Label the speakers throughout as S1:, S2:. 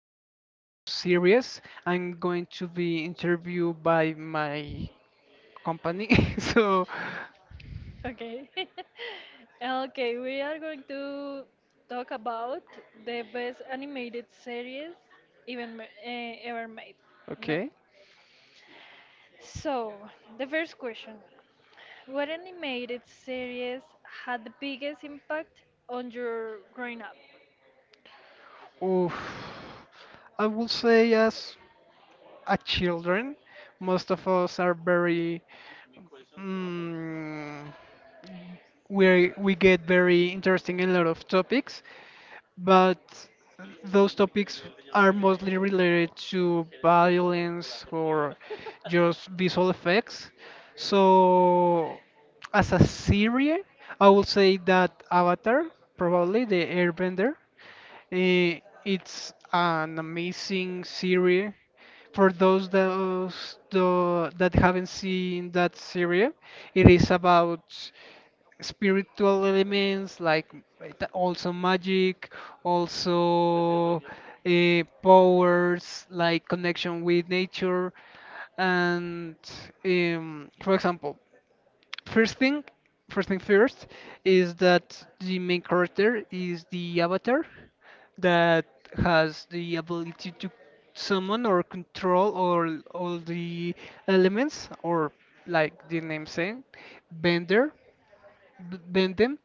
S1: talk about series. I'm going to be interviewed by my company. So,
S2: Okay. Okay, we are going to talk about the best animated series ever made. No.
S1: okay.
S2: So, the first question. What animated series had the biggest impact on your growing up?
S1: Oof. I will say, as a children, most of us are very. Mm, we get very interesting in a lot of topics, but those topics are mostly related to violence or just visual effects. So, as a series, I would say that Avatar, probably the Airbender, it's an amazing series. For those that haven't seen that series, it is about spiritual elements like also magic, also powers like connection with nature, and for example, first thing, first thing first is that the main character is the avatar that has the ability to summon or control all the elements or like the name saying, bender, bend them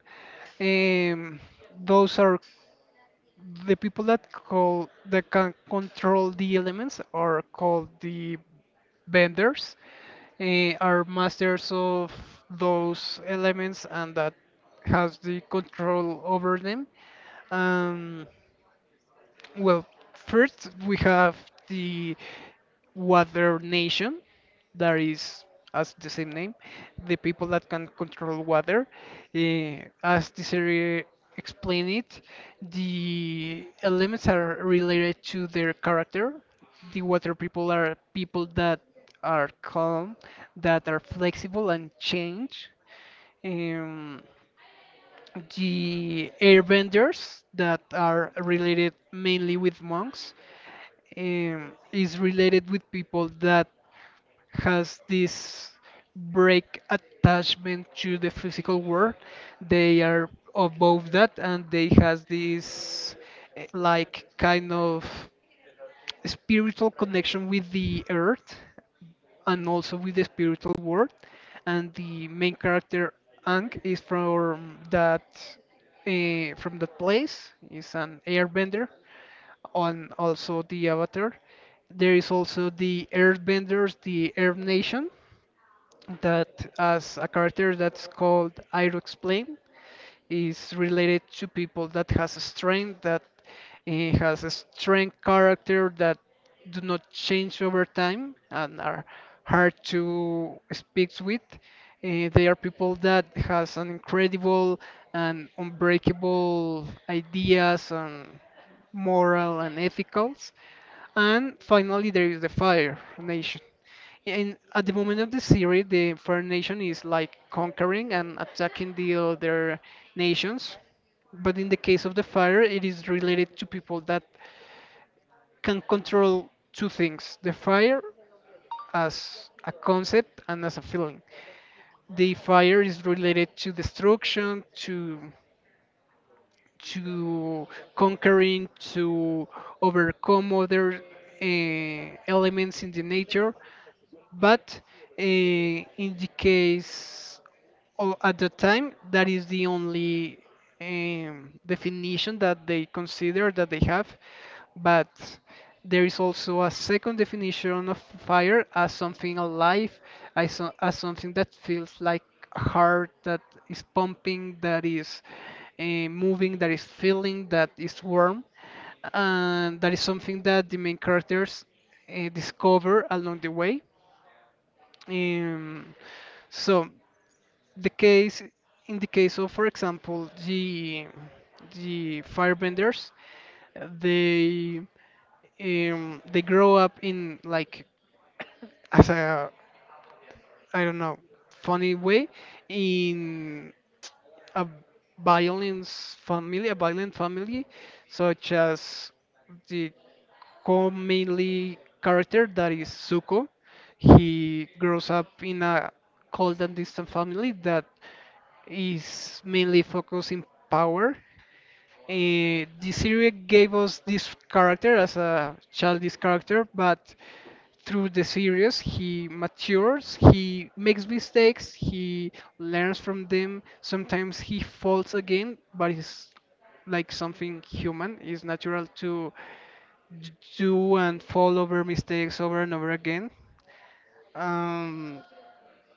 S1: um, those are the people that call that can control the elements are called the benders. Eh, are masters of those elements and that has the control over them. Um, well, first we have the Water Nation, that is as the same name, the people that can control water. As the series explain it, the elements are related to their character. The water people are people that are calm, that are flexible and change. Um, the airbenders that are related mainly with monks is related with people that has this break attachment to the physical world. They are above that and they has this like kind of spiritual connection with the earth and also with the spiritual world. And the main character Ang is from that place. Is an airbender on also the Avatar. There is also the Earthbenders, the Earth Nation, that as a character that's called Iroh Explain is related to people that has a strength that has a strength character that do not change over time and are hard to speak with. They are people that has an incredible and unbreakable ideas and moral and ethicals and finally, there is the Fire Nation. And at the moment of the series, the Fire Nation is like conquering and attacking the other nations. But in the case of the fire, it is related to people that can control two things the fire as a concept and as a feeling. The fire is related to destruction, to conquering, to overcome other elements in the nature. But in the case or at the time, that is the only definition that they consider that they have. But there is also a second definition of fire as something alive, as, as something that feels like a heart that is pumping, that is uh, moving, that is feeling, that is warm. And that is something that the main characters discover along the way. Um, so the case in the case of, for example, the firebenders, they they grow up in like as a I don't know funny way in a violence family, a violent family, such as the commonly character that is Zuko. He grows up in a cold and distant family that is mainly focusing power. The series gave us this character as a childish character, but through the series he matures, he makes mistakes, he learns from them. Sometimes he falls again, but it's like something human. It's natural to d- do and fall over mistakes over and over again. Um,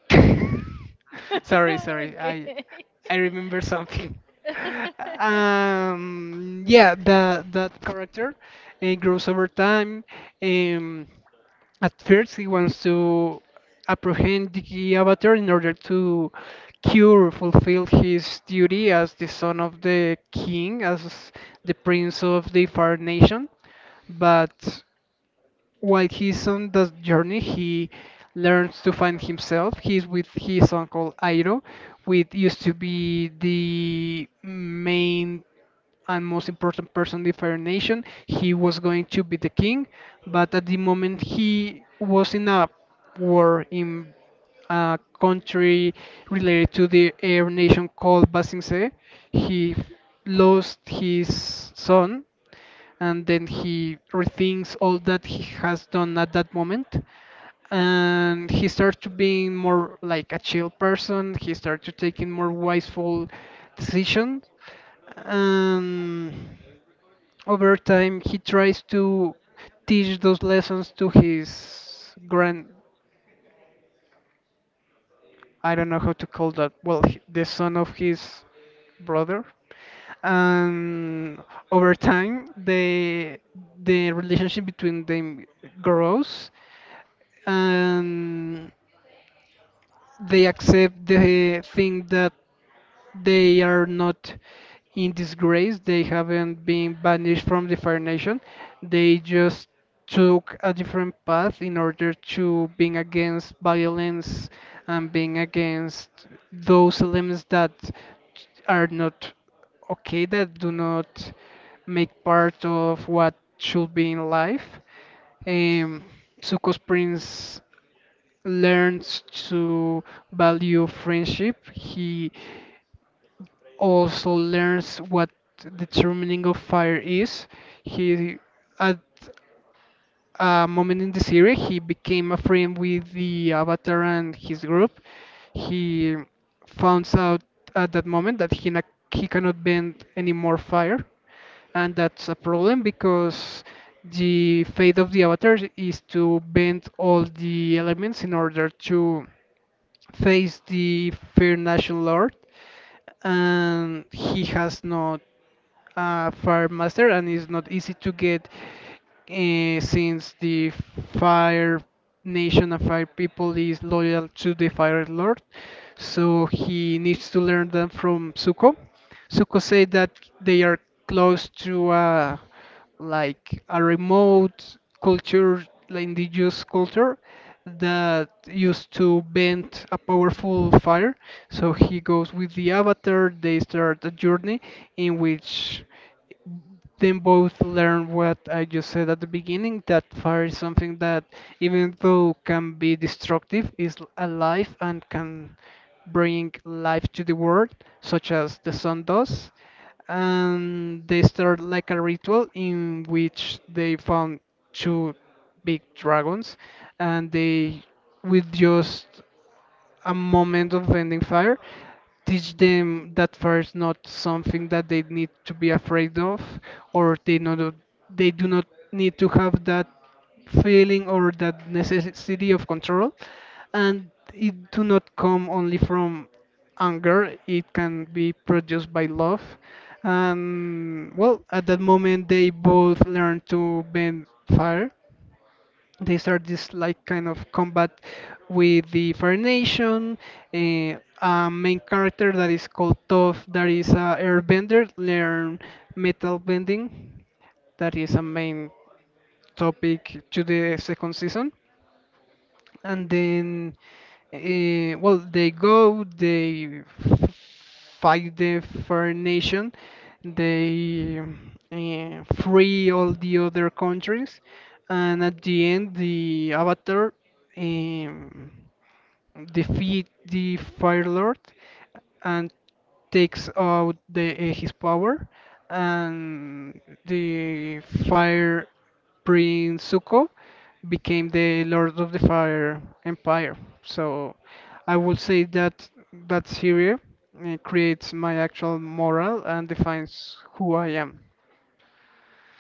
S1: sorry, sorry. I remember something. Yeah, the that character
S2: Okay.
S1: grows over time. Um, at first, he wants to apprehend the Avatar in order to cure, fulfill his duty as the son of the king, as the prince of the Fire Nation. But while he's on the journey, he learns to find himself. He's with his uncle Iroh, which used to be the main and most important person in the Fire Nation. He was going to be the king, but at the moment he was in a war in a country related to the air nation called Basingse. He lost his son and then he rethinks all that he has done at that moment, and he starts to being more like a chill person. He starts to taking more wiseful decisions, and over time he tries to teach those lessons to his grand. I don't know how to call that. Well, the son of his brother. And over time, the relationship between them grows, and they accept the thing that they are not in disgrace. They haven't been banished from the Fire Nation. They just took a different path in order to being against violence and being against those elements that are not okay, that do not make part of what should be in life. Um, Zuko's prince learns to value friendship. He also learns what the true meaning of fire is. He, at a moment in the series, he became a friend with the Avatar and his group. He finds out at that moment that he, he cannot bend any more fire, and that's a problem because the fate of the Avatar is to bend all the elements in order to face the Fair Nation Lord, and he has not a fire master and it's not easy to get since the fire nation and fire people is loyal to the fire lord, so he needs to learn them from Zuko. Zuko said that they are close to like a remote culture, like indigenous culture, that used to bend a powerful fire. So he goes with the Avatar. They start a journey in which then both learn what I just said at the beginning that fire is something that, even though can be destructive, is alive and can bring life to the world, such as the sun does. And they start like a ritual in which they found two big dragons, and they with just a moment of ending fire teach them that fire is not something that they need to be afraid of, or they not they do not need to have that feeling or that necessity of control, and it do not come only from anger. It can be produced by love, and well at that moment they both learn to bend fire. They start this like kind of combat with the Fire Nation. A main character that is called Toph, that is a airbender, learn metal bending, that is a main topic to the second season. And then Well, they go, they fight the Fair Nation, they free all the other countries, and at the end, the Avatar um, defeat the Fire Lord and takes out the, his power, and the Fire Prince Zuko became the Lord of the Fire Empire. So I would say that that series creates my actual moral and defines who I am.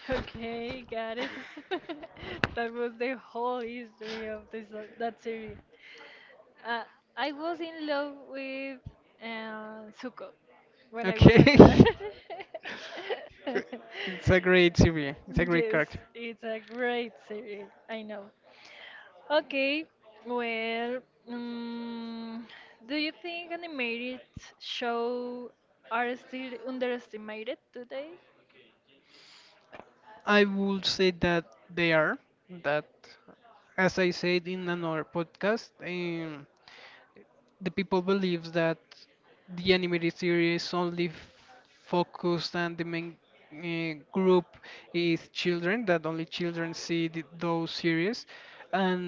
S2: Okay, got it. That was the whole history of this that series. Uh, I was in love with Zuko when I was a
S1: Okay?
S2: child.
S1: It's a great series. It's a great
S2: Yes,
S1: character.
S2: it's a great series. I know. Okay, well, um, do you think animated show are still underestimated today?
S1: I would say that they are that as I said in another podcast, the people believes that the animated series only focused and the main group is children, that only children see th those series, and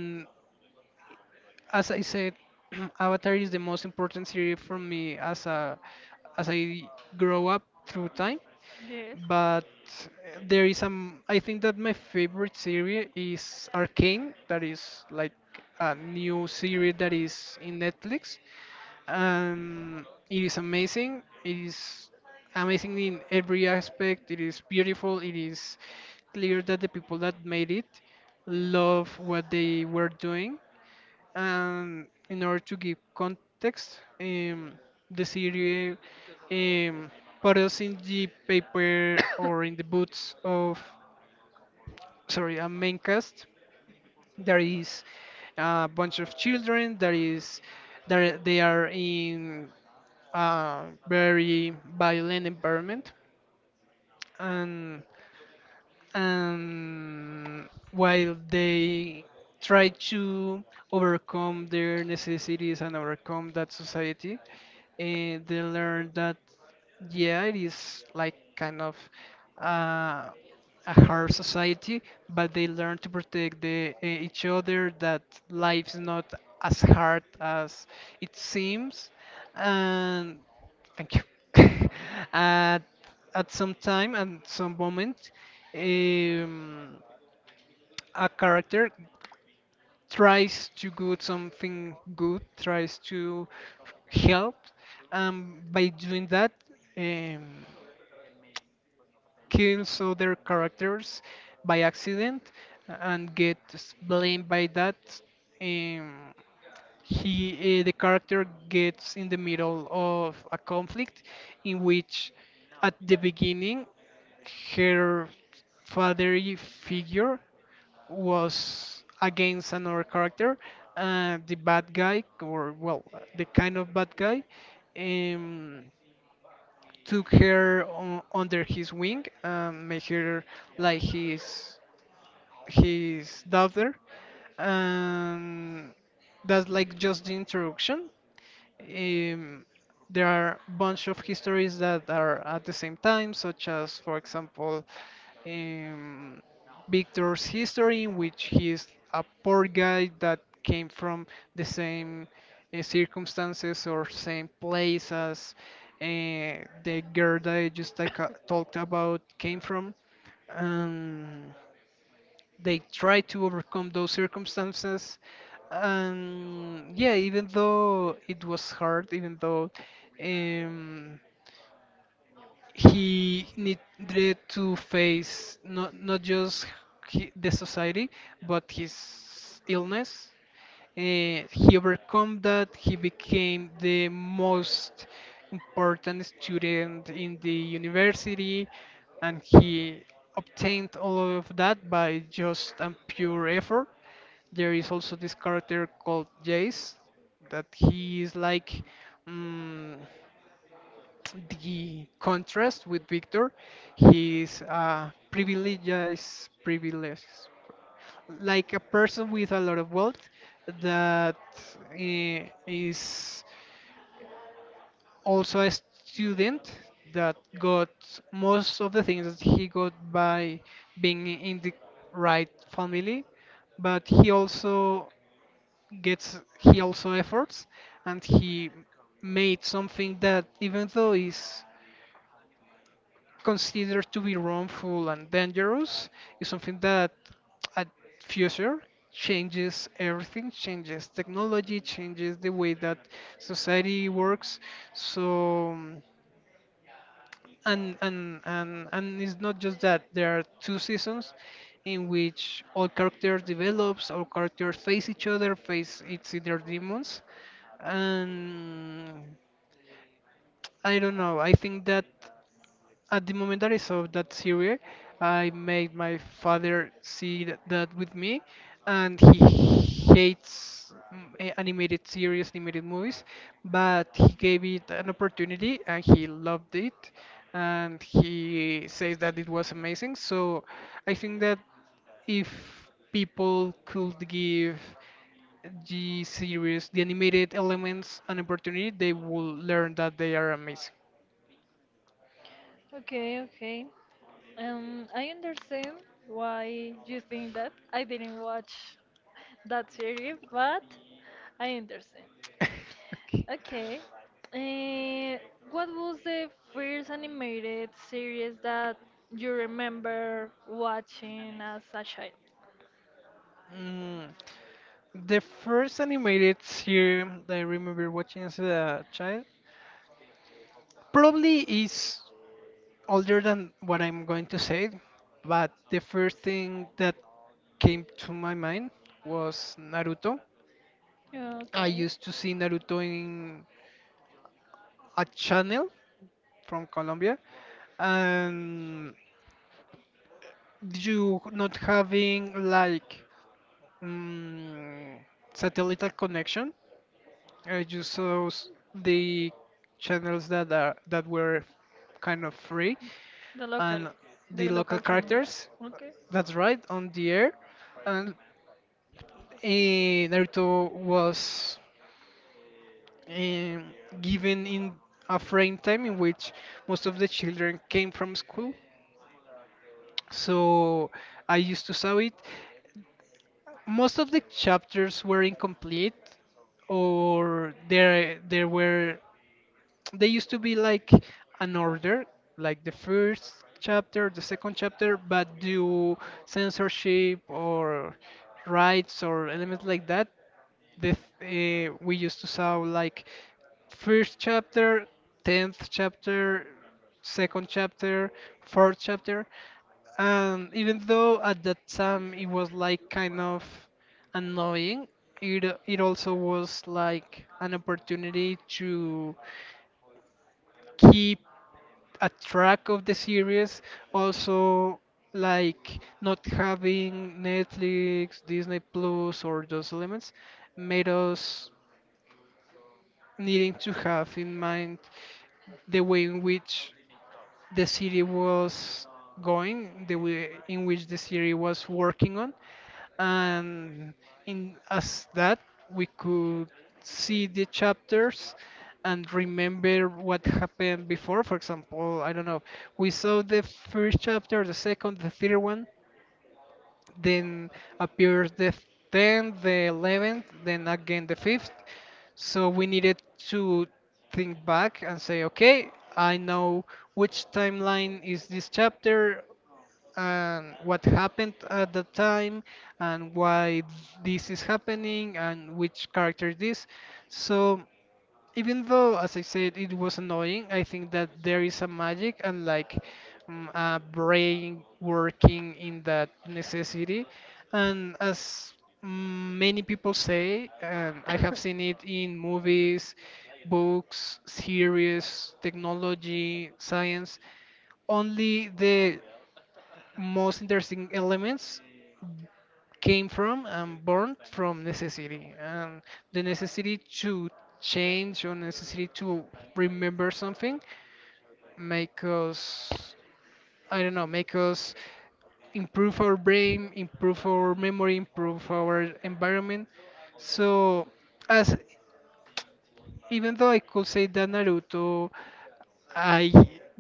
S1: as I said Avatar is the most important series for me as a as I grow up through time.
S2: Yes.
S1: But uh, there is some. I think that my favorite series is Arcane, that is like a new series that is in Netflix, and it is amazing. It is amazing in every aspect. It is beautiful. It is clear that the people that made it love what they were doing. And in order to give context, The series um, put us in the paper or in the boots of, sorry, a main cast. There is a bunch of children. There they are in a very violent environment, and and while they try to overcome their necessities and overcome that society, they learn that yeah, it is like kind of uh, a hard society, but they learn to protect the, each other, that life's not as hard as it seems. And thank you. at, at some time and some moment, um, a character tries to do something good, tries to help, and by doing that. Um, kills other characters by accident and gets blamed by that. Um, the character gets in the middle of a conflict in which, at the beginning, her fatherly figure was against another character, the bad guy, or well, the kind of bad guy. Um, took her on, under his wing, and made her like his daughter, and that's like just the introduction. um, there are bunch of histories that are at the same time, such as for example um, Victor's history, in which he is a poor guy that came from the same circumstances or same place as uh, the girl that I just talked about came from. And they try to overcome those circumstances. And yeah, even though it was hard, even though um, he needed to face not just he, the society, but his illness. He overcome that, he became the most important student in the university, and he obtained all of that by just a pure effort. There is also this character called Jace that he is like, Mm the contrast with Victor. He's privileged, like a person with a lot of wealth that is also a student that got most of the things that he got by being in the right family, but he also efforts, and he made something that, even though is considered to be wrongful and dangerous, is something that at future changes everything, changes technology, changes the way that society works. So and it's not just that. There are two seasons in which all characters develops, all characters face each other, face it's either demons. And I don't know, I think that at the moment that I saw that series, I made my father see that with me, and he hates animated series, animated movies, but he gave it an opportunity and he loved it, and he says that it was amazing. So I think that if people could give the series, the animated elements, an opportunity, they will learn that they are amazing.
S2: Okay, okay. I understand why you think that. I didn't watch that series, but I understand. Okay. Uh, what was the first animated series that you remember watching as a child?
S1: Mm, the first animated series that I remember watching as a child probably is older than what I'm going to say, but the first thing that came to my mind was Naruto. I
S2: Okay.
S1: used to see Naruto in a channel from Colombia, and you not having like mm, satellite connection, I just saw the channels that are that were kind of free
S2: The local,
S1: and the
S2: the
S1: local
S2: local channels.
S1: characters.
S2: Okay.
S1: That's right, on the air, and Naruto was um, given in a frame time in which most of the children came from school. So I used to saw it. Most of the chapters were incomplete, or there were, they used to be like an order, like the first chapter, the second chapter, but due censorship or rights or elements like that, the we used to saw like first chapter, tenth chapter, second chapter, fourth chapter, and even though at that time it was like kind of annoying, it also was like an opportunity to keep a track of the series. Also, like not having Netflix, Disney Plus, or those elements made us needing to have in mind the way in which the city was going, the way in which the city was working on, and in as that we could see the chapters and remember what happened before. For example, I don't know, we saw the first chapter, the second, the third one, then appears the tenth, the 11th, then again the fifth. So we needed to think back and say, okay, I know which timeline is this chapter, and what happened at the time, and why this is happening, and which character this. So even though, as I said, it was annoying, I think that there is a magic and like a brain working in that necessity. And as mm, many people say, and I have seen it in movies, books, series, technology, science, only the most interesting elements came from and born from necessity, and the necessity to change or necessity to remember something make us, I don't know, make us improve our brain, improve our memory, improve our environment. So as, even though I could say that Naruto I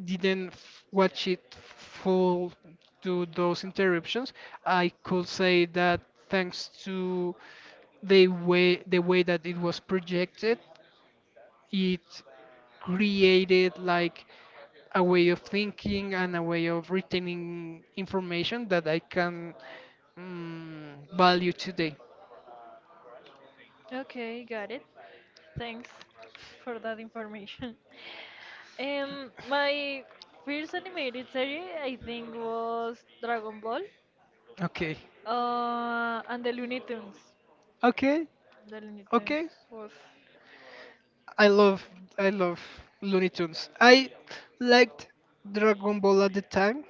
S1: didn't watch it full to those interruptions, I could say that thanks to the way that it was projected, it created like a way of thinking and a way of retaining information that I can value today.
S2: Okay, got it. Thanks for that information. My first animated series, I think, was Dragon Ball,
S1: Okay.
S2: and the Looney Tunes.
S1: Okay.
S2: The Looney Tunes
S1: Okay.
S2: was
S1: I love I love Looney Tunes. I liked Dragon Ball at the time,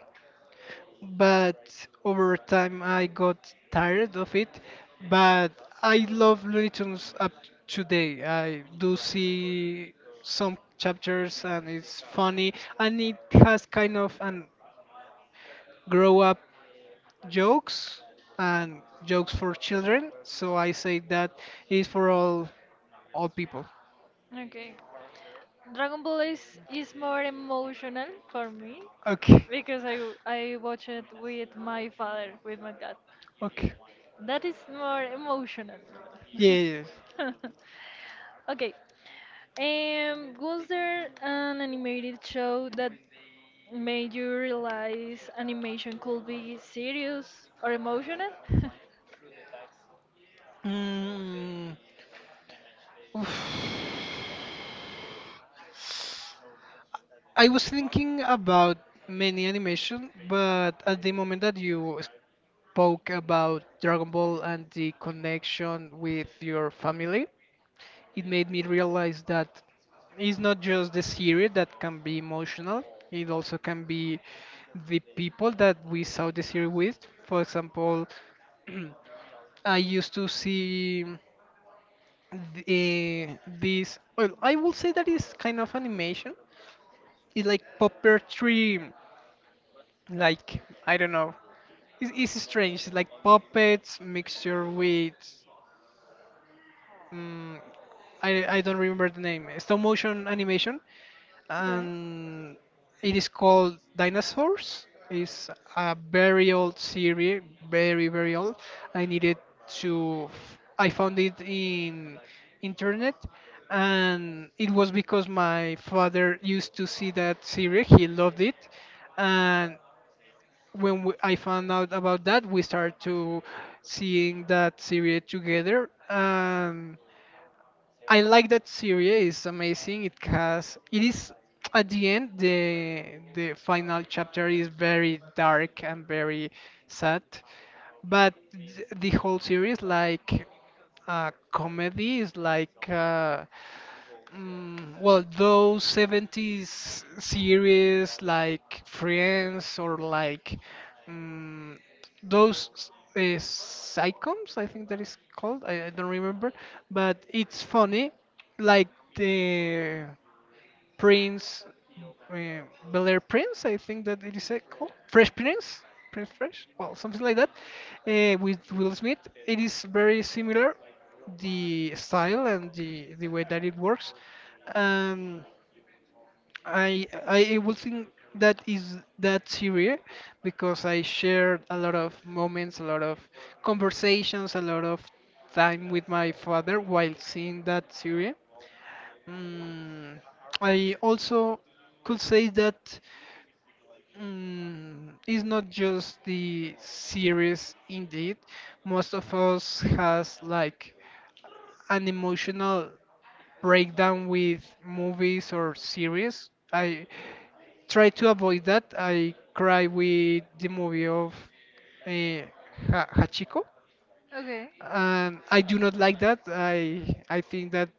S1: but over time I got tired of it. But I love Looney Tunes up today. I do see some chapters and it's funny, and it has kind of an grow up jokes and jokes for children. So I say that is for all people.
S2: okay. Dragon Ball is more emotional for me
S1: Okay.
S2: because I watch it with my father, with my dad.
S1: Okay.
S2: That is more emotional.
S1: Yeah, yeah, yeah.
S2: Okay, um, was there an animated show that made you realize animation could be serious or emotional?
S1: Mm, oof. I was thinking about many animation, but at the moment that you spoke about Dragon Ball and the connection with your family, it made me realize that it's not just the series that can be emotional, it also can be the people that we saw the series with. For example, I used to see the, this, well, I will say that is kind of animation. It's like puppetry, like, I don't know, it's strange, it's like puppets mixture with um, I don't remember the name, stop motion animation.
S2: Okay,
S1: And it is called Dinosaurs. It's a very old series, very very old. I needed to I found it in internet, and it was because my father used to see that series. He loved it, and when we, I found out about that, we started to seeing that series together. And I like that series. It's amazing. It has. It is at the end. The final chapter is very dark and very sad. But the whole series, like comedy is like, well, those 70s series like Friends or like mm, those sitcoms, I think that is called. I don't remember, but it's funny, like the Prince, uh, Bel Air Prince, I think that it is called Fresh Prince, Prince Fresh, well, something like that, with Will Smith. It is very similar, the style and the way that it works. Um, I will think that is that series because I shared a lot of moments, a lot of conversations, a lot of time with my father while seeing that series. Mm, I also could say that it's not just the series indeed. Most of us has like an emotional breakdown with movies or series. I try to avoid that. I cry with the movie of uh, Hachiko.
S2: okay.
S1: And I do not like that. I think that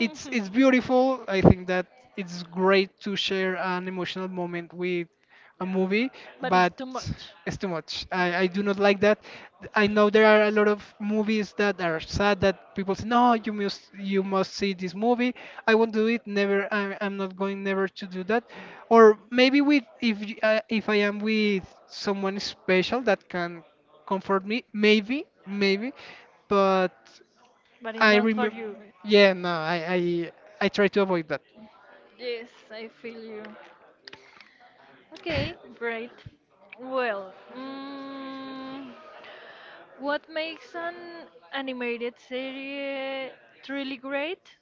S1: it's beautiful. I think that it's great to share an emotional moment with a movie,
S2: But it's
S1: but
S2: too much.
S1: it's too much. I do not like that. I know there are a lot of movies that are sad that people say, no, you must see this movie. I won't do it. Never. I'm not going never to do that. Or maybe with if if I am with someone special that can comfort me, maybe maybe, but.
S2: But it's
S1: I
S2: not for
S1: remember.
S2: you.
S1: Yeah, no, I try to avoid that.
S2: Yes, I feel you. Okay, great. Well, mm, what makes an animated series truly great?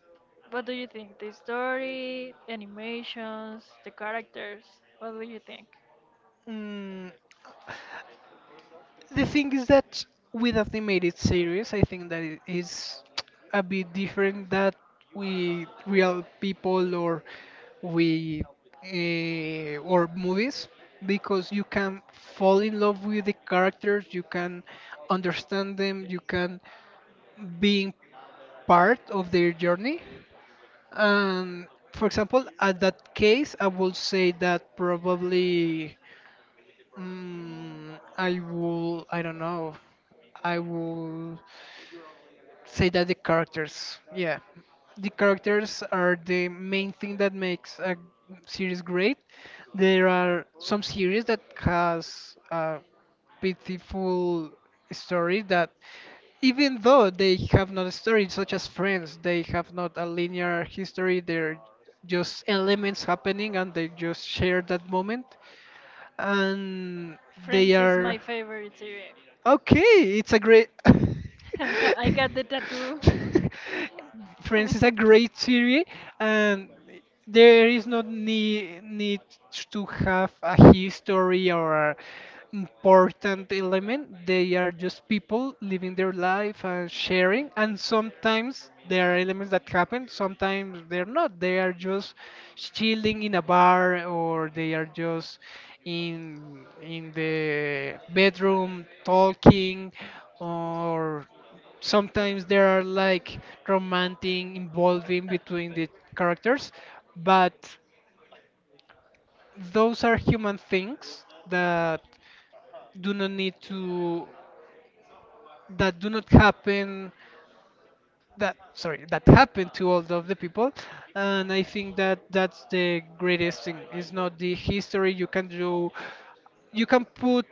S2: What do you think? The story, animations, the characters? What do you think?
S1: Mm, the thing is that with animated series, I think that it is a bit different that with real people or with or movies, because you can fall in love with the characters, you can understand them, you can being part of their journey. And for example, at that case, I will say that probably I don't know, I will say that the characters, yeah, the characters are the main thing that makes a series great. There are some series that has a pitiful story that, even though they have not a story such as Friends, they have not a linear history, they're just elements happening and they just share that moment, and they
S2: Friends is
S1: are
S2: my favorite series.
S1: okay. It's a great
S2: I got the tattoo.
S1: Friends is a great series. And there is no need, need to have a history or a important element. They are just people living their life and sharing. And sometimes there are elements that happen, sometimes they're not. They are just chilling in a bar, or they are just in the bedroom talking, or sometimes there are like romantic involving between the characters, but those are human things that do not need to that do not happen, that, sorry, that happened to all of the people. And I think that that's the greatest thing. It's not the history. You can do, you can put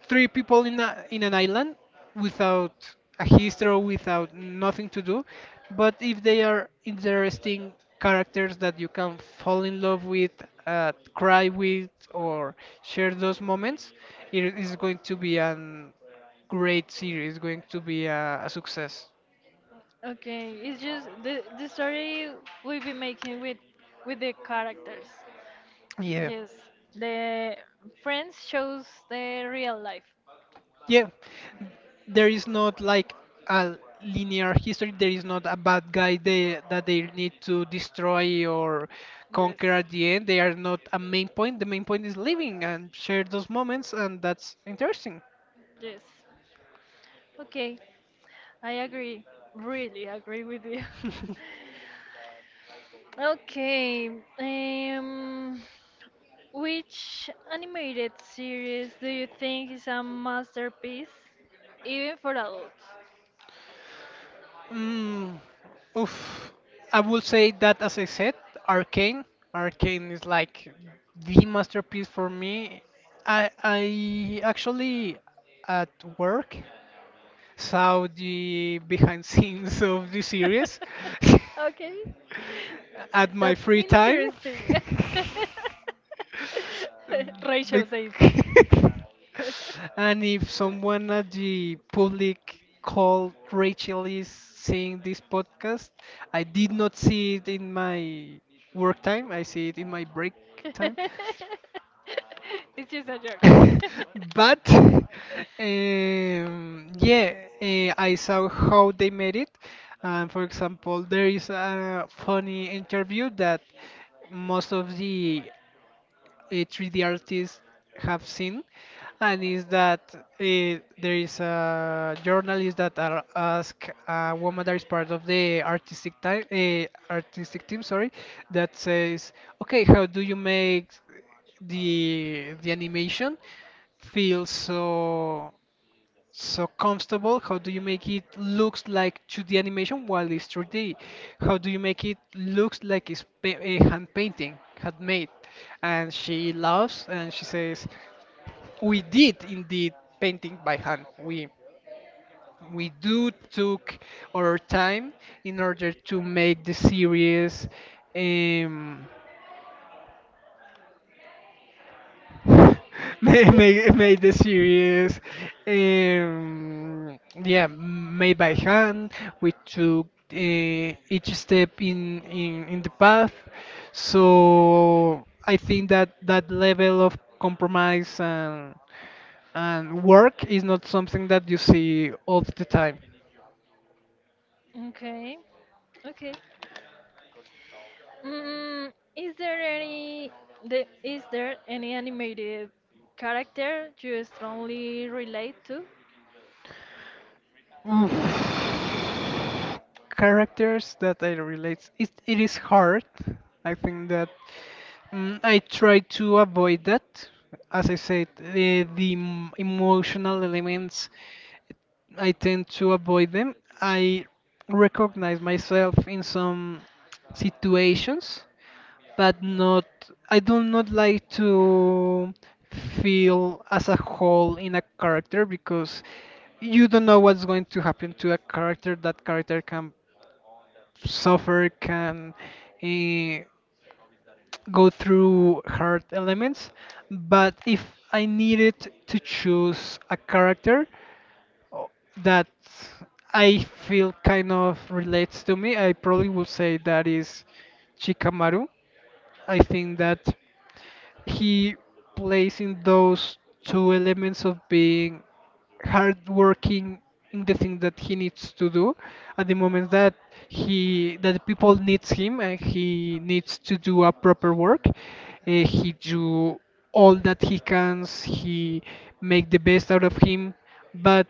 S1: three people in in an island without a history or without nothing to do, but if they are interesting characters that you can fall in love with, cry with, or share those moments, it is going to be a great series, going to be a success.
S2: Okay, it's just the story we be making with the characters.
S1: Yeah.
S2: Yes, the Friends shows the real life.
S1: Yeah, there is not like a linear history. There is not a bad guy that they need to destroy or
S2: Yes,
S1: conquer at the end. They are not a main point. The main point is living and share those moments, and that's interesting.
S2: yes. Okay, I agree. Really agree with you. Okay, um, which animated series do you think is a masterpiece, even for adults?
S1: Mm, oof. I would say that, as I said, Arcane. Arcane is like the masterpiece for me. I actually at work saw the behind scenes of the series
S2: Okay,
S1: at my
S2: that's
S1: free time.
S2: interesting. Rachel
S1: Bec-
S2: says.
S1: and if someone at the public called Rachel is seeing this podcast, I did not see it in my work time. I see it in my break time.
S2: It's just a joke.
S1: But um, yeah, I saw how they made it. For example, there is a funny interview that most of the 3D artists have seen, and is that there is a journalist that are ask a woman that is part of the artistic time, artistic team, sorry, that says, okay, how do you make the animation feel so? So comfortable? How do you make it looks like 2D animation while it's 3D? How do you make it looks like it's a hand painting, handmade? And she laughs and she says, "We did indeed painting by hand. We do took our time in order to make the series." Um, made the series, um, yeah, made by hand. We took each step in, in the path. So I think that that level of compromise and work is not something that you see all the time.
S2: Okay, okay. Mm, is there any the is there any animated character you strongly relate to?
S1: Mm. Characters that I relate. It is hard. I think that I try to avoid that. As I said, the emotional elements, I tend to avoid them. I recognize myself in some situations, but not. I do not like to feel as a whole in a character because you don't know what's going to happen to a character. That character can suffer, can eh, go through hard elements. But if I needed to choose a character o- that I feel kind of relates to me, I probably would say that is Chikamaru. I think that he plays in those two elements of being hardworking in the thing that he needs to do at the moment that he that people needs him and he needs to do a proper work, he do all that he can, he make the best out of him, but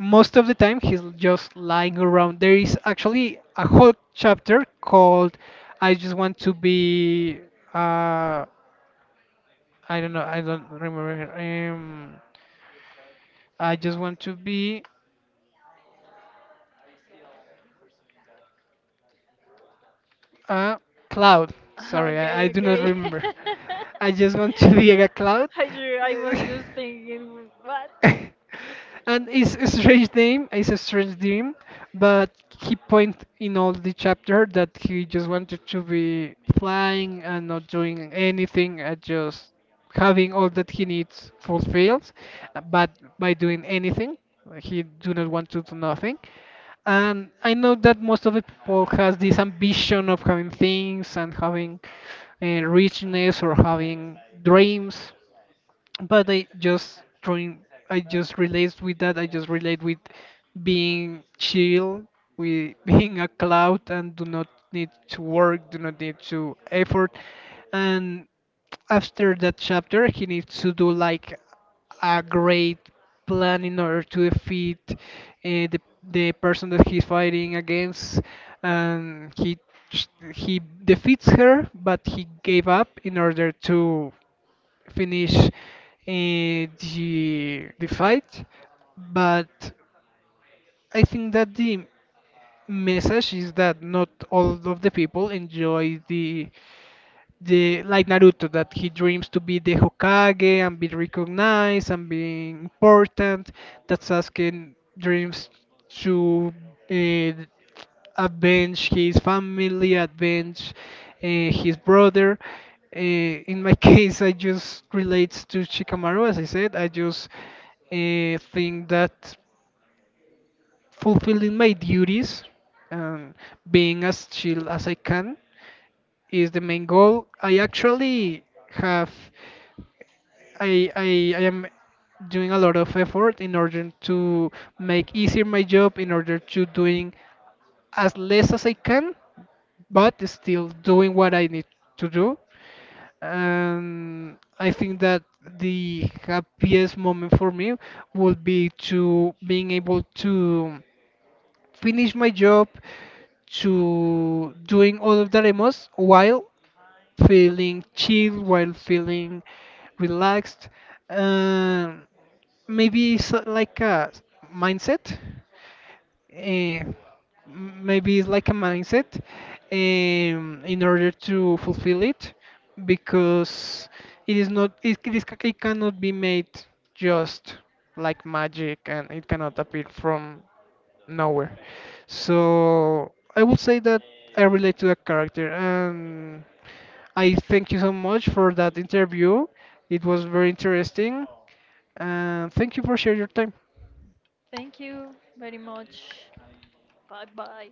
S1: most of the time he's just lying around. There is actually a whole chapter called I just want to be, uh, I don't know. I don't remember. Um, I just want to be a cloud. Sorry, I
S2: Okay,
S1: do not
S2: okay.
S1: remember. I just want to be a cloud.
S2: I was just thinking, what?
S1: And it's a strange name. It's a strange dream, but he point in all the chapter that he just wanted to be flying and not doing anything, and just having all that he needs fulfilled. But by doing anything, he do not want to do nothing. And I know that most of the people has this ambition of having things and having richness or having dreams, but I just relate with that. I just relate with being chill, with being a cloud and do not need to work, do not need to effort. And after that chapter he needs to do like a great plan in order to defeat, the the person that he's fighting against, and he ch- he defeats her, but he gave up in order to finish, the fight. But I think that the message is that not all of the people enjoy the like Naruto that he dreams to be the Hokage and be recognized and be important. That Sasuke dreams to, uh, avenge his family, avenge his brother. Uh, in my case, I just relates to Shikamaru, as I said. I just think that fulfilling my duties, um, being as chill as I can, is the main goal. I actually have I am doing a lot of effort in order to make easier my job in order to doing as less as I can, but still doing what I need to do. And I think that the happiest moment for me would be to being able to finish my job, to doing all of the demos while feeling chill, while feeling relaxed. Um, Maybe it's like a mindset. eh, Maybe it's like a mindset, in order to fulfill it, because it is not it, it, is, it cannot be made just like magic, and it cannot appear from nowhere. So I would say that I relate to that character. And I thank you so much for that interview. It was very interesting. And thank you for sharing your time.
S2: Thank you very much. Bye bye.